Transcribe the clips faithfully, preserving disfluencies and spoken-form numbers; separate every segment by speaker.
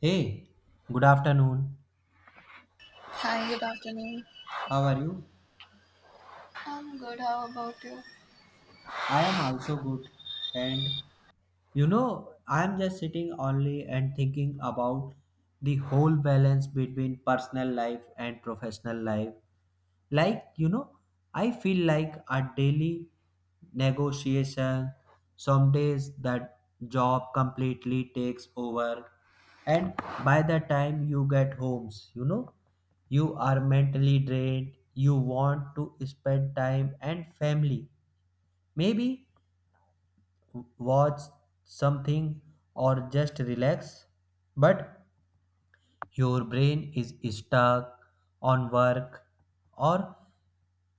Speaker 1: Hey, good afternoon.
Speaker 2: Hi, good afternoon.
Speaker 1: How are you?
Speaker 2: I'm good. How about you?
Speaker 1: I am also good. And you know, I am just sitting only and thinking about the whole balance between personal life and professional life. like you know I feel like a daily negotiation. Some days that job completely takes over, and by the time you get homes, you know you are mentally drained. You want to spend time and family, maybe watch something or just relax, but your brain is stuck on work, or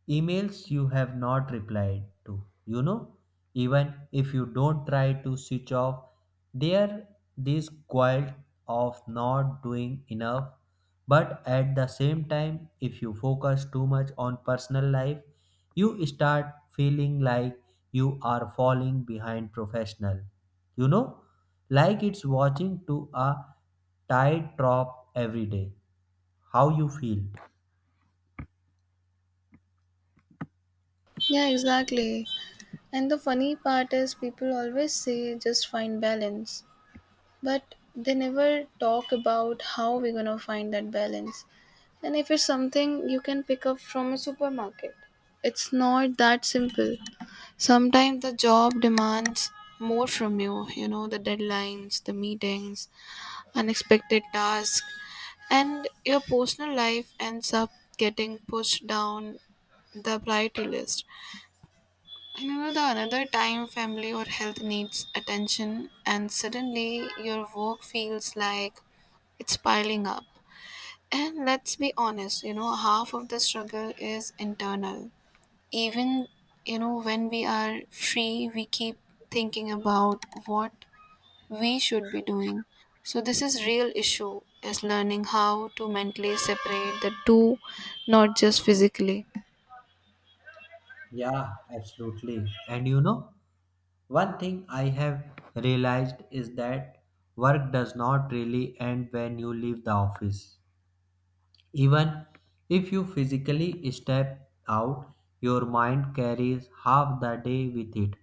Speaker 1: emails you have not replied to, you know, even if you don't try to switch off, there this guilt of not doing enough. But at the same time, if you focus too much on personal life, you start feeling like you are falling behind professional. You know, like it's watching to a tide drop every day. How you feel?
Speaker 2: Yeah, exactly. And the funny part is, people always say just find balance, but they never talk about how we're gonna find that balance. And if it's something you can pick up from a supermarket, it's not that simple. Sometimes the job demands more from you, you know, the deadlines, the meetings, unexpected tasks. And your personal life ends up getting pushed down the priority list. And you know, the another time family or health needs attention, and suddenly your work feels like it's piling up. And let's be honest, you know, half of the struggle is internal. Even, you know, when we are free, we keep thinking about what we should be doing. So this is real issue is learning how to mentally separate the two, not just physically.
Speaker 1: Yeah, absolutely. And you know, One thing I have realized is that work does not really end when you leave the office. Even if you physically step out, your mind carries half the day with it.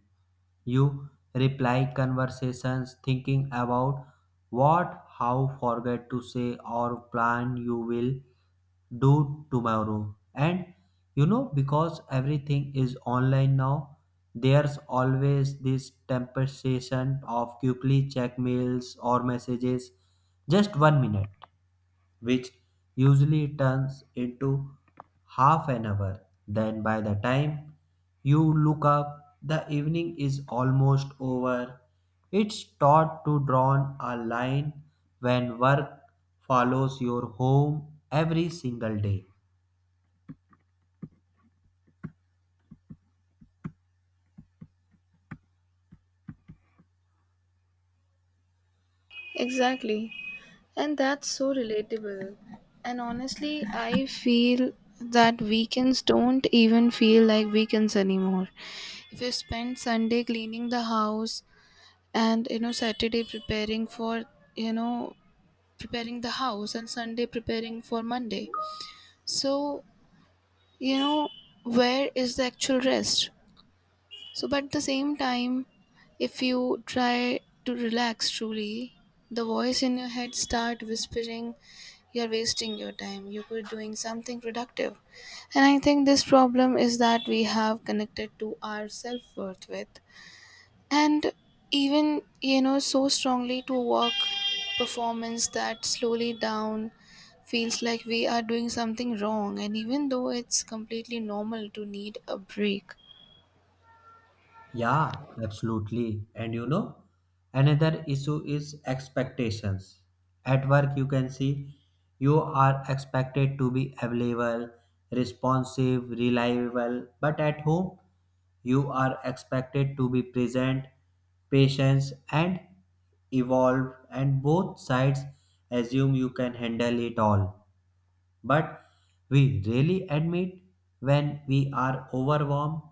Speaker 1: You reply conversations thinking about what, how, forget to say, or plan you will do tomorrow. And you know, because everything is online now, there's always this temptation of quickly check mails or messages just one minute, which usually turns into half an hour. Then, by the time you look up, the evening is almost over. It's taught to draw a line when work follows your home every single day.
Speaker 2: Exactly. And that's so relatable. And honestly, I feel that weekends don't even feel like weekends anymore. If you spend Sunday cleaning the house, and you know Saturday preparing for, you know, preparing the house and Sunday preparing for Monday. So, you know, where is the actual rest? So, but at the same time, if you try to relax truly, the voice in your head start whispering, "You're wasting your time. You could doing something productive." And I think this problem is that we have connected to our self worth with, and even you know so strongly to work performance that slowly down feels like we are doing something wrong, and even though it's completely normal to need a break.
Speaker 1: Yeah, absolutely. And you know, another issue is expectations. At work, you can see you are expected to be available, responsive, reliable, but at home, you are expected to be present, patient, and evolve, and both sides assume you can handle it all, but we really admit when we are overwhelmed.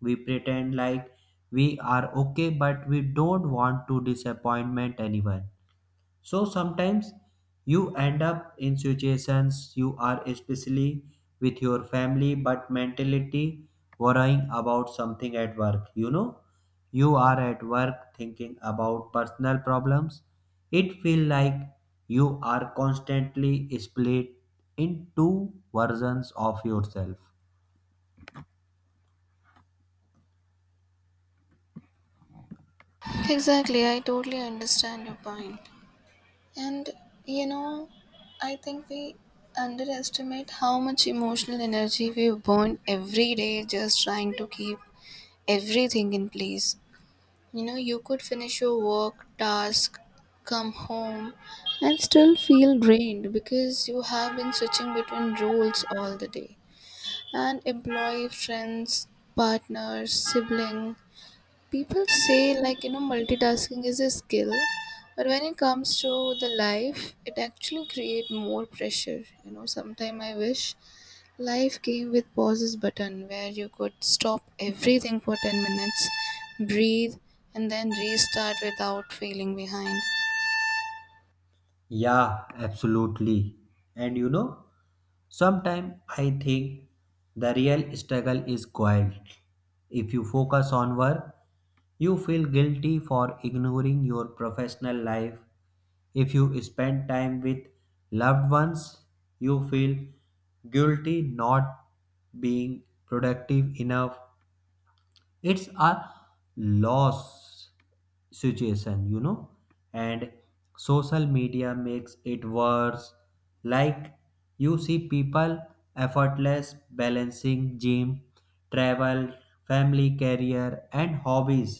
Speaker 1: We pretend like we are okay, but we don't want to disappointment anyone. So sometimes you end up in situations you are especially with your family but mentality worrying about something at work. You know, you are at work thinking about personal problems. It feels like you are constantly split in two versions of yourself.
Speaker 2: Exactly, I totally understand your point. And you know, I think we underestimate how much emotional energy we burn every day just trying to keep everything in place. You know, you could finish your work, task, come home, and still feel drained because you have been switching between roles all the day. And employee, friends, partners, sibling, people say like you know multitasking is a skill, but when it comes to the life it actually create more pressure. You know sometime I wish life came with pauses button where you could stop everything for ten minutes, breathe, and then restart without feeling behind.
Speaker 1: Yeah, absolutely. And you know, sometimes I think the real struggle is quiet. If you focus on work, you feel guilty for ignoring your professional life. If you spend time with loved ones, you feel guilty not being productive enough. It's a loss situation you know And social media makes it worse. Like, you see people effortless balancing gym, travel, family, career, and hobbies,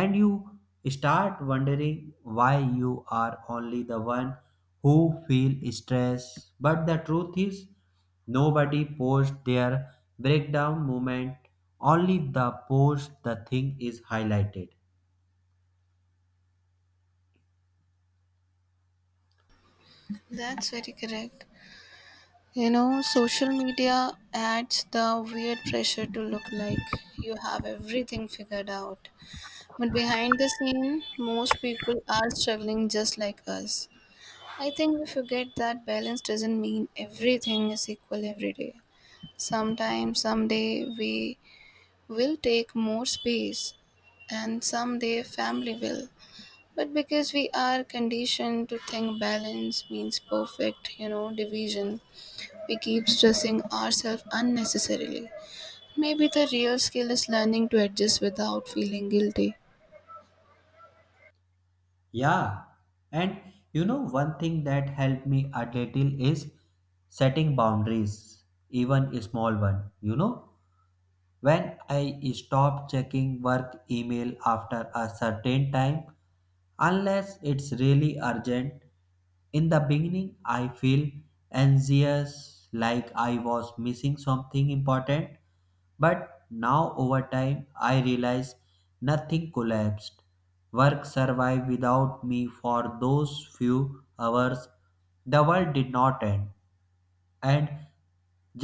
Speaker 1: and you start wondering why you are only the one who feel stress. But the truth is, nobody posts their breakdown moment, only the post the thing is highlighted.
Speaker 2: That's very correct. You know social media adds the weird pressure to look like you have everything figured out. But behind the scene, most people are struggling just like us. I think we forget that balance doesn't mean everything is equal every day. Sometimes, someday, we will take more space, and someday, family will. But because we are conditioned to think balance means perfect, you know, division, we keep stressing ourselves unnecessarily. Maybe the real skill is learning to adjust without feeling guilty.
Speaker 1: Yeah, and you know, one thing that helped me a little is setting boundaries, even a small one. You know, when I stop checking work email after a certain time, unless it's really urgent, in the beginning, I feel anxious like I was missing something important. But now, over time, I realize nothing collapsed. Work survived without me for those few hours. The world did not end, and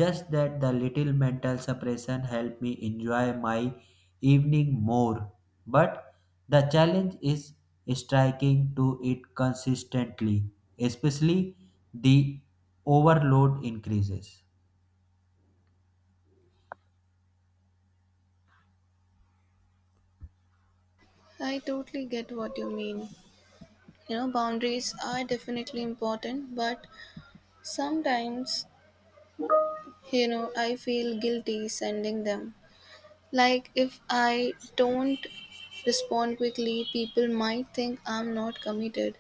Speaker 1: just that the little mental suppression helped me enjoy my evening more. But the challenge is striking to it consistently, especially the overload increases.
Speaker 2: I totally get what you mean. You know boundaries are definitely important, but sometimes you know I feel guilty sending them. Like if I don't respond quickly, people might think I'm not committed.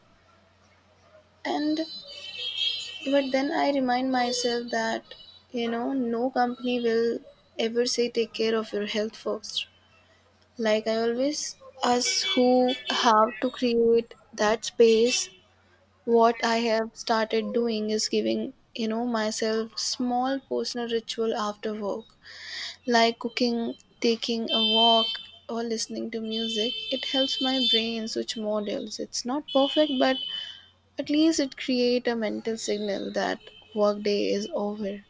Speaker 2: And but then I remind myself that you know no company will ever say take care of your health first. Like I always us who have to create that space. What I have started doing is giving, you know, myself small personal ritual after work, like cooking, taking a walk, or listening to music. It helps my brain switch models. It's not perfect, but at least it creates a mental signal that workday is over.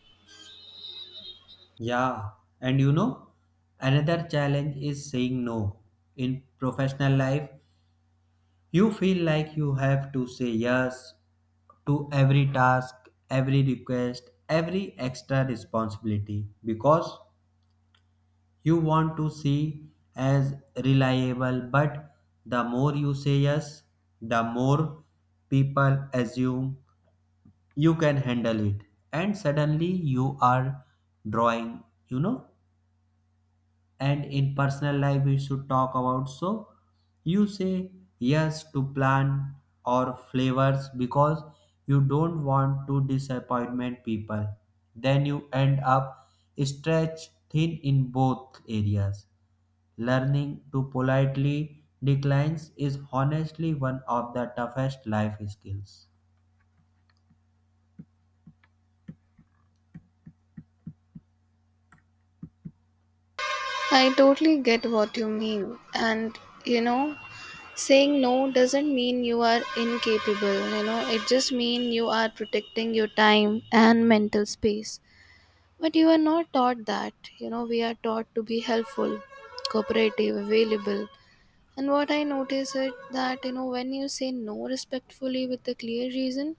Speaker 1: Yeah, and you know, another challenge is saying no. In professional life, you feel like you have to say yes to every task, every request, every extra responsibility because you want to see as reliable. But the more you say yes, the more people assume you can handle it, and suddenly you are drawing you know And in personal life we should talk about. So you say yes to plan or flavors because you don't want to disappointment people. Then you end up stretched thin in both areas. Learning to politely declines is honestly one of the toughest life skills.
Speaker 2: I totally get what you mean. And, you know, saying no doesn't mean you are incapable, you know, it just means you are protecting your time and mental space. But you are not taught that. You know, we are taught to be helpful, cooperative, available. And what I notice is that, you know, when you say no respectfully with a clear reason,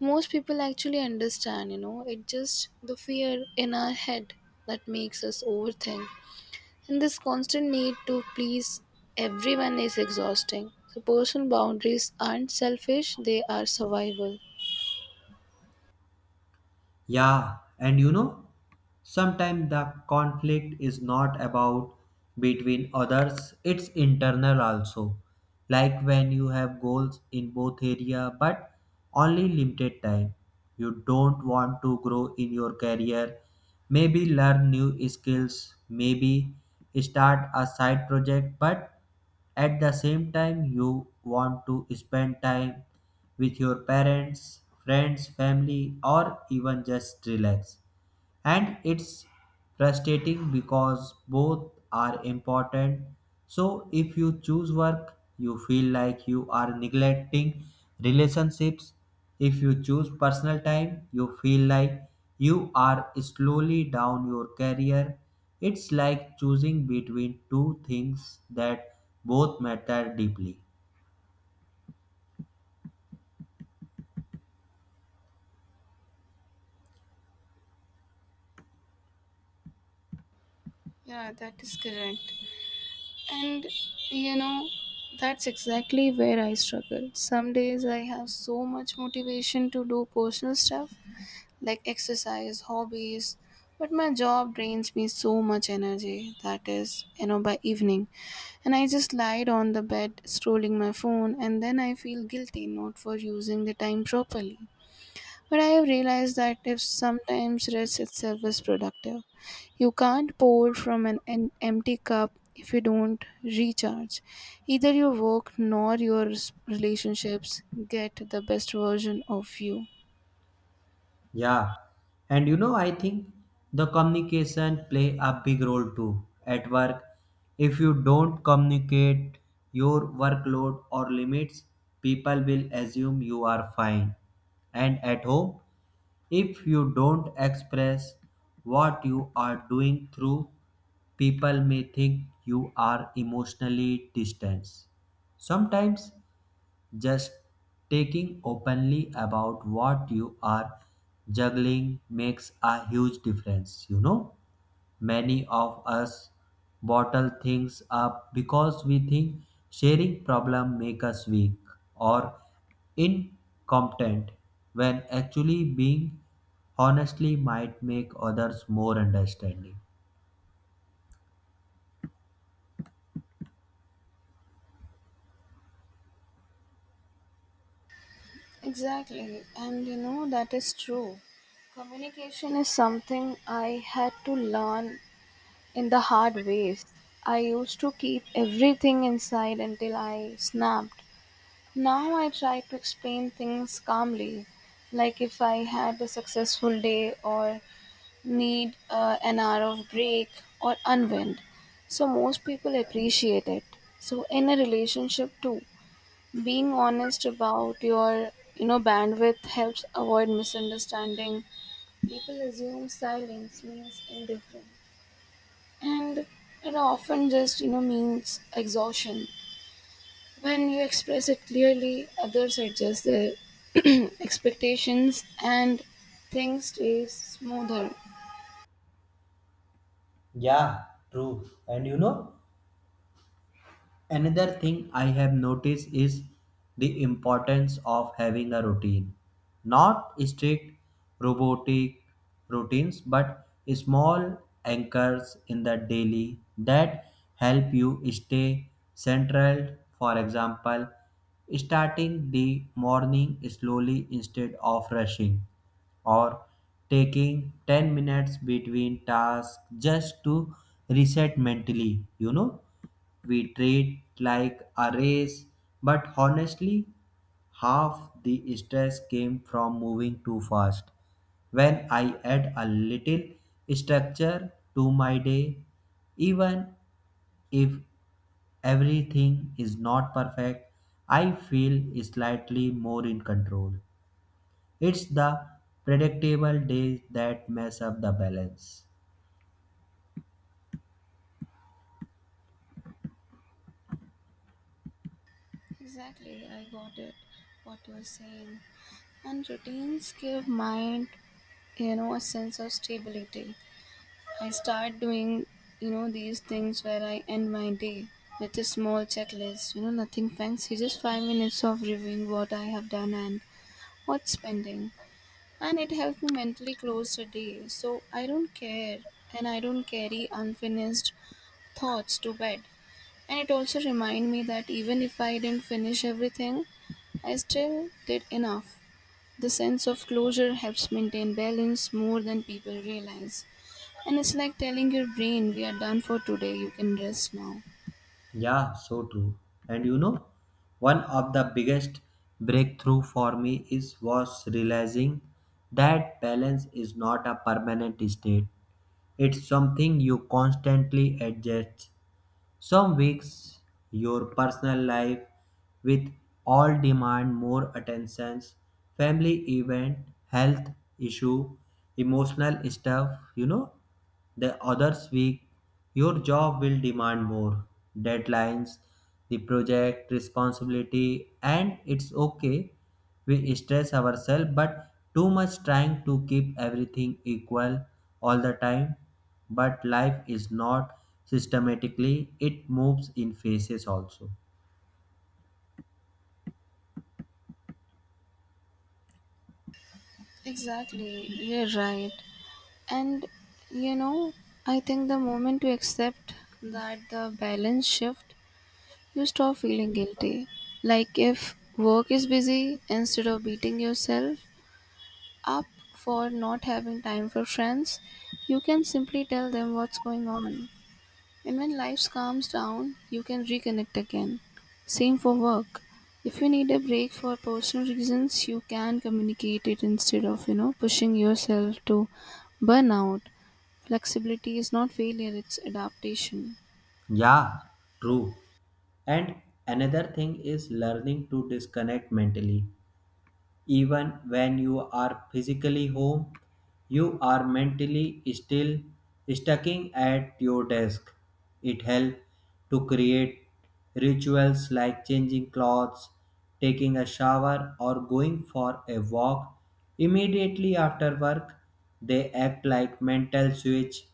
Speaker 2: most people actually understand. You know, it's just the fear in our head that makes us overthink. And this constant need to please everyone is exhausting. So personal boundaries aren't selfish, they are survival.
Speaker 1: Yeah, and you know, sometimes the conflict is not about between others, it's internal also. Like when you have goals in both area but only limited time. You don't want to grow in your career, maybe learn new skills, maybe start a side project, but at the same time, you want to spend time with your parents, friends, family, or even just relax. And it's frustrating because both are important. So if you choose work, you feel like you are neglecting relationships. If you choose personal time, you feel like you are slowly down your career. It's like choosing between two things that both matter deeply.
Speaker 2: Yeah, that is correct. And you know, that's exactly where I struggle. Some days I have so much motivation to do personal stuff like exercise, hobbies, but my job drains me so much energy that is, you know, by evening. And I just lied on the bed scrolling my phone and then I feel guilty not for using the time properly. But I have realized that if sometimes rest itself is productive, you can't pour from an en- empty cup if you don't recharge. Either your work nor your s- relationships get the best version of you.
Speaker 1: Yeah, and you know, I think the communication play a big role too at work. If you don't communicate your workload or limits, people will assume you are fine. And at home, if you don't express what you are doing through, people may think you are emotionally distant. Sometimes just taking openly about what you are juggling makes a huge difference, you know. Many of us bottle things up because we think sharing problem make us weak or incompetent, when actually being honestly might make others more understanding.
Speaker 2: Exactly, and you know that is true. Communication is something I had to learn in the hard ways. I used to keep everything inside until I snapped. Now I try to explain things calmly, like if I had a successful day or need uh, an hour of break or unwind. So most people appreciate it. So in a relationship too, being honest about your you know bandwidth helps avoid misunderstanding. People assume silence means indifferent, and it often just you know means exhaustion. When you express it clearly, others adjust their expectations and things stays smoother.
Speaker 1: Yeah, true. And you know, Another thing I have noticed is the importance of having a routine. Not strict robotic routines, but small anchors in the daily that help you stay central. For example, starting the morning slowly instead of rushing, or taking ten minutes between tasks just to reset mentally, you know We treat like a race, but honestly, half the stress came from moving too fast. When I add a little structure to my day, even if everything is not perfect, I feel slightly more in control. It's the predictable days that mess up the balance.
Speaker 2: Exactly, I got it. What you're saying, and routines give mind, you know, a sense of stability. I start doing, you know, these things where I end my day with a small checklist. You know, nothing fancy, just five minutes of reviewing what I have done and what's pending. And it helps me mentally close the day. So I don't care, and I don't carry unfinished thoughts to bed. And it also reminds me that even if I didn't finish everything, I still did enough. The sense of closure helps maintain balance more than people realize. And it's like telling your brain, we are done for today, you can rest now.
Speaker 1: Yeah, so true. And you know, one of the biggest breakthrough for me is was realizing that balance is not a permanent state. It's something you constantly adjust. Some weeks your personal life with all demand more attentions, family event, health issue, emotional stuff, you know. The others week your job will demand more deadlines, the project responsibility, and it's okay. We stress ourselves, but too much trying to keep everything equal all the time. But life is not systematically, it moves in phases also.
Speaker 2: Exactly, you're right. And you know, I think the moment we accept that the balance shift, you stop feeling guilty. Like if work is busy, instead of beating yourself up for not having time for friends, you can simply tell them what's going on. And when life calms down, you can reconnect again. Same for work. If you need a break for personal reasons, you can communicate it instead of, you know, pushing yourself to burnout. Flexibility is not failure, it's adaptation.
Speaker 1: Yeah, true. And another thing is learning to disconnect mentally. Even when you are physically home, you are mentally still stucking at your desk. It helps to create rituals like changing clothes, taking a shower, or going for a walk immediately after work. They act like mental switch.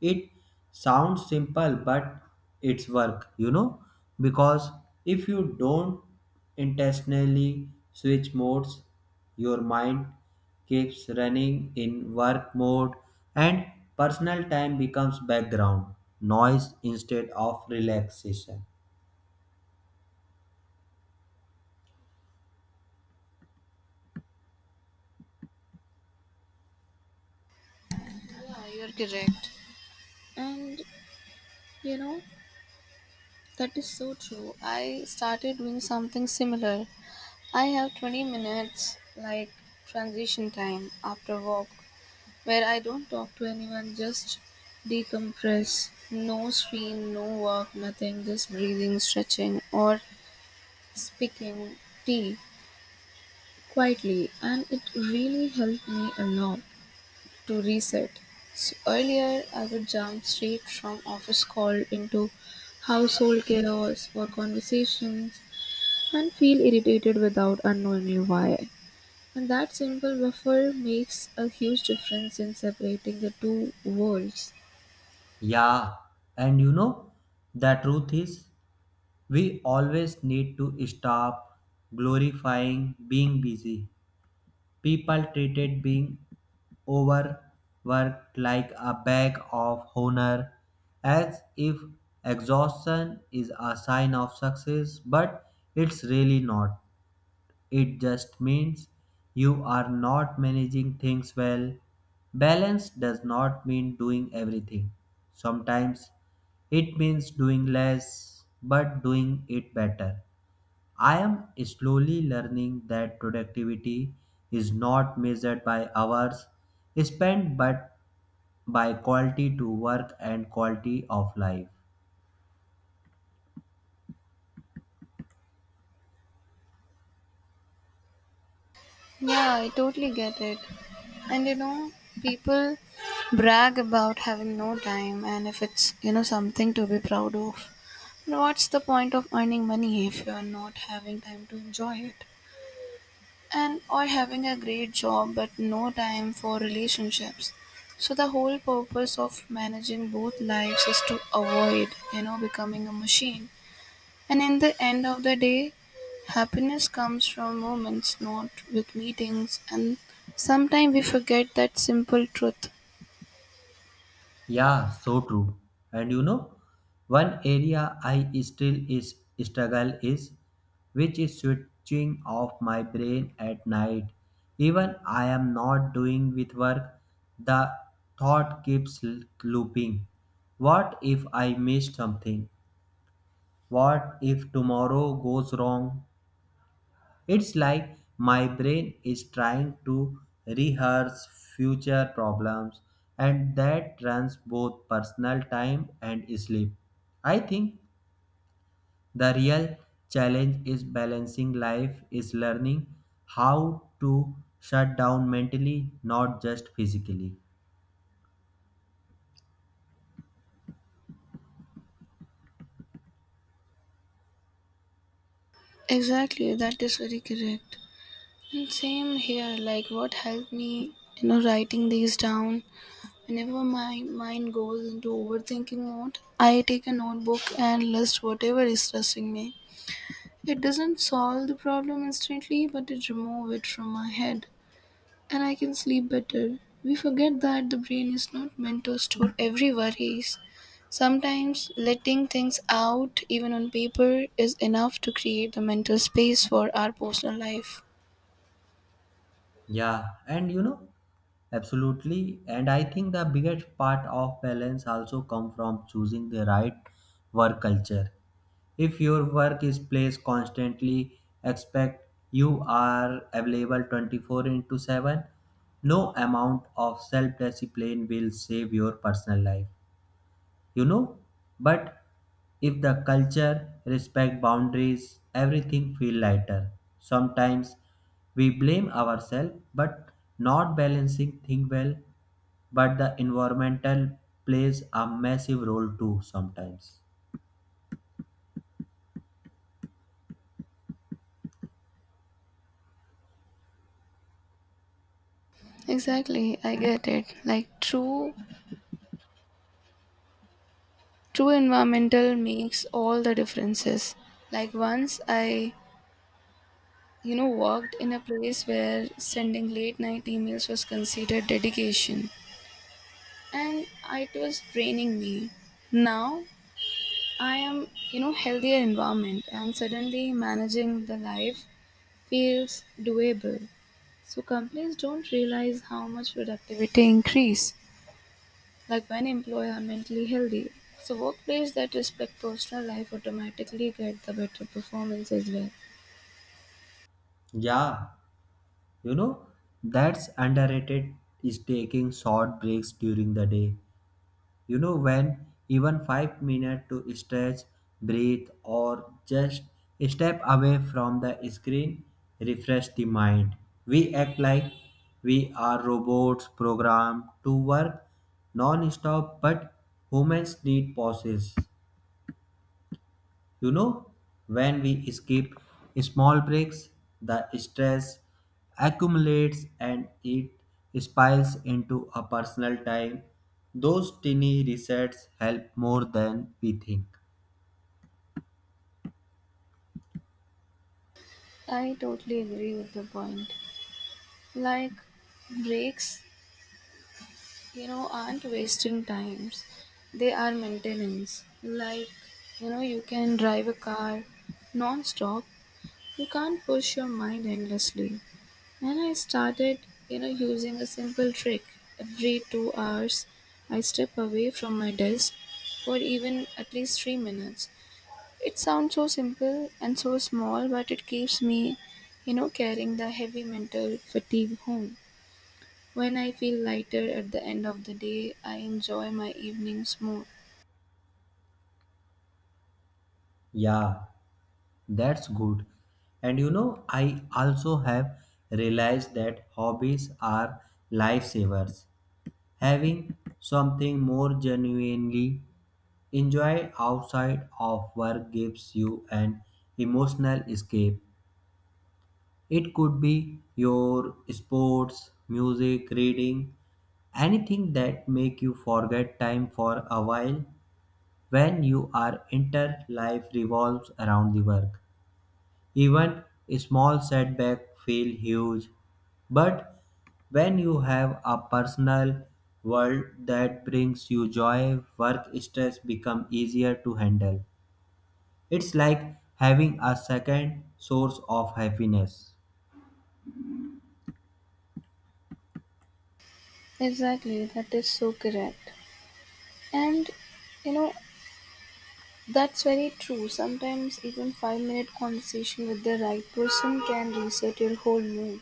Speaker 1: It sounds simple, but it's work, you know, because if you don't intentionally switch modes. Your mind keeps running in work mode, and personal time becomes background noise instead of relaxation.
Speaker 2: Yeah, you're correct. And you know, that is so true. I started doing something similar. I have twenty minutes like transition time after work where I don't talk to anyone, just decompress. No screen, no work, nothing, just breathing, stretching, or speaking tea quietly. And it really helped me a lot to reset. So earlier, I would jump straight from office call into household chaos or conversations and feel irritated without unknowingly why. And that simple buffer makes a huge difference in separating the two worlds.
Speaker 1: Yeah, and you know, the truth is, we always need to stop glorifying being busy. People treated being overworked like a badge of honor, as if exhaustion is a sign of success, but it's really not. It just means you are not managing things well. Balance does not mean doing everything. Sometimes it means doing less but doing it better. I am slowly learning that productivity is not measured by hours spent but by quality to work and quality of life.
Speaker 2: Yeah, I totally get it. And you know, people brag about having no time and if it's, you know, something to be proud of. But what's the point of earning money if you're not having time to enjoy it? And or having a great job but no time for relationships. So the whole purpose of managing both lives is to avoid you know becoming a machine. And in the end of the day, happiness comes from moments not with meetings. And sometimes we forget that simple truth.
Speaker 1: Yeah, so true. And you know, one area I still is struggle is which is switching off my brain at night. Even I am not doing with work, the thought keeps l- looping. What if I miss something? What if tomorrow goes wrong? It's like my brain is trying to rehearse future problems, and that runs both personal time and sleep. I think the real challenge is balancing life, is learning how to shut down mentally, not just physically.
Speaker 2: Exactly, that is very correct. And same here, like what helped me you know writing these down. Whenever my mind goes into overthinking mode, I take a notebook and list whatever is stressing me. It doesn't solve the problem instantly, but it removes it from my head, and I can sleep better. We forget that the brain is not meant to store every worries. Sometimes letting things out, even on paper, is enough to create the mental space for our personal life.
Speaker 1: Yeah, and you know, absolutely. And I think the biggest part of balance also come from choosing the right work culture. If your work is placed constantly, expect you are available twenty-four into seven. No amount of self discipline will save your personal life you know but if the culture respect boundaries, everything feel lighter. Sometimes we blame ourselves but not balancing thing well, but the environmental plays a massive role too sometimes.
Speaker 2: Exactly, I get it. Like true True environmental makes all the differences. Like once I, you know, worked in a place where sending late night emails was considered dedication, and it was draining me. Now I am, you know, healthier environment, and suddenly managing the life feels doable. So companies don't realize how much productivity increase. Like when employees are mentally healthy, so workplace that respect personal life automatically get the better performance as well.
Speaker 1: Yeah, you know that's underrated is taking short breaks during the day. You know, when even five minutes to stretch, breathe, or just step away from the screen, refresh the mind. We act like we are robots programmed to work non stop, but humans need pauses. You know, when we skip small breaks, the stress accumulates, and it spills into a personal time. Those tiny resets help more than we think.
Speaker 2: I totally agree with the point. Like breaks, you know, aren't wasting times. They are maintenance. Like, you know, you can drive a car non-stop. You can't push your mind endlessly. And I started, you know, using a simple trick. Every two hours, I step away from my desk for even at least three minutes. It sounds so simple and so small, but it keeps me, you know, carrying the heavy mental fatigue home. When I feel lighter at the end of the day, I enjoy my evenings more.
Speaker 1: Yeah, that's good. And you know, I also have realized that hobbies are lifesavers. Having something more genuinely enjoy outside of work gives you an emotional escape. It could be your sports, music, reading, anything that make you forget time for a while. When you are inter life revolves around the work, even a small setback feel huge, but when you have a personal world that brings you joy, work stress become easier to handle. It's like having a second source of happiness.
Speaker 2: Exactly, that is so correct. And you know, that's very true. Sometimes even five minute conversation with the right person can reset your whole mood.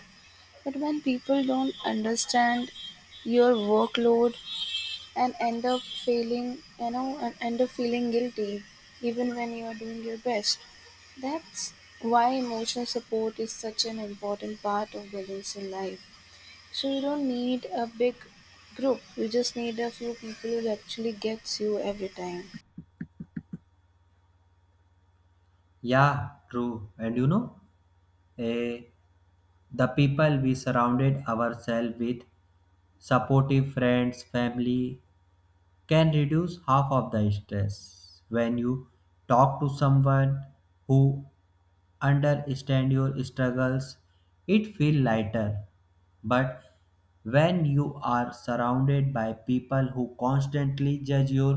Speaker 2: But when people don't understand your workload, and end up feeling, you know, and end up feeling guilty even when you are doing your best. That's why emotional support is such an important part of balance in life. So you don't need a big group. You just need a few people who actually gets you every time.
Speaker 1: Yeah, true. And you know, eh, the people we surrounded ourselves with, supportive friends, family, can reduce half of the stress. When you talk to someone who understands your struggles, it feels lighter, but when you are surrounded by people who constantly judge your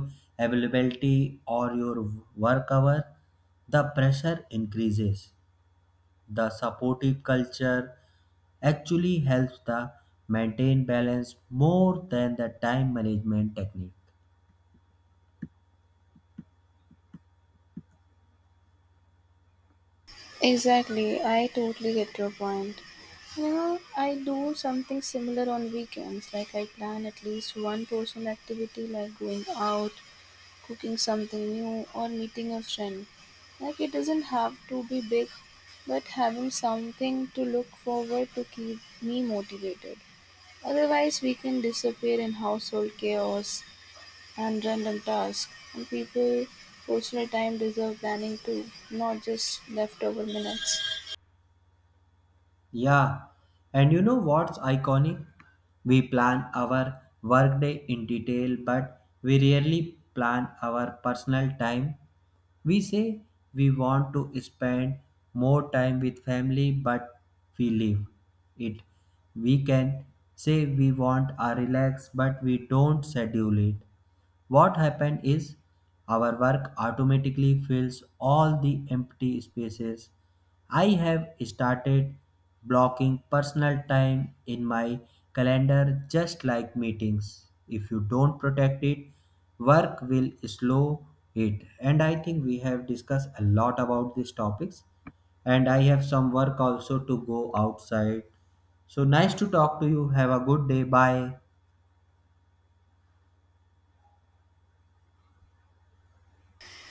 Speaker 1: availability or your work hour, the pressure increases. The supportive culture actually helps the maintain balance more than the time management technique.
Speaker 2: Exactly, I totally get your point. You know, I do something similar on weekends, like I plan at least one person activity, like going out, cooking something new, or meeting a friend. Like, it doesn't have to be big, but having something to look forward to keep me motivated. Otherwise, we can disappear in household chaos and random tasks, and people, personal time deserve planning too, not just leftover minutes.
Speaker 1: Yeah, and you know what's iconic? We plan our workday in detail, but we rarely plan our personal time. We say we want to spend more time with family, but we leave it. We can say we want a relax, but we don't schedule it. What happened is our work automatically fills all the empty spaces. I have started blocking personal time in my calendar just like meetings. If you don't protect it, work will slow it. And I think we have discussed a lot about these topics. And I have some work also to go outside. So nice to talk to you. Have a good day. Bye.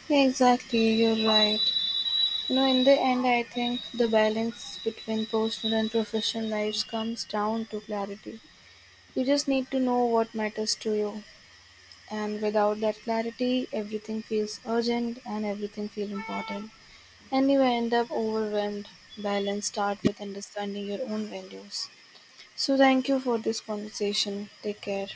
Speaker 2: Yeah, exactly, you're right. You know, in the end, I think the balance between personal and professional lives comes down to clarity. You just need to know what matters to you, and without that clarity, everything feels urgent and everything feels important. And you end up overwhelmed. Balance start with understanding your own values. So, thank you for this conversation. Take care.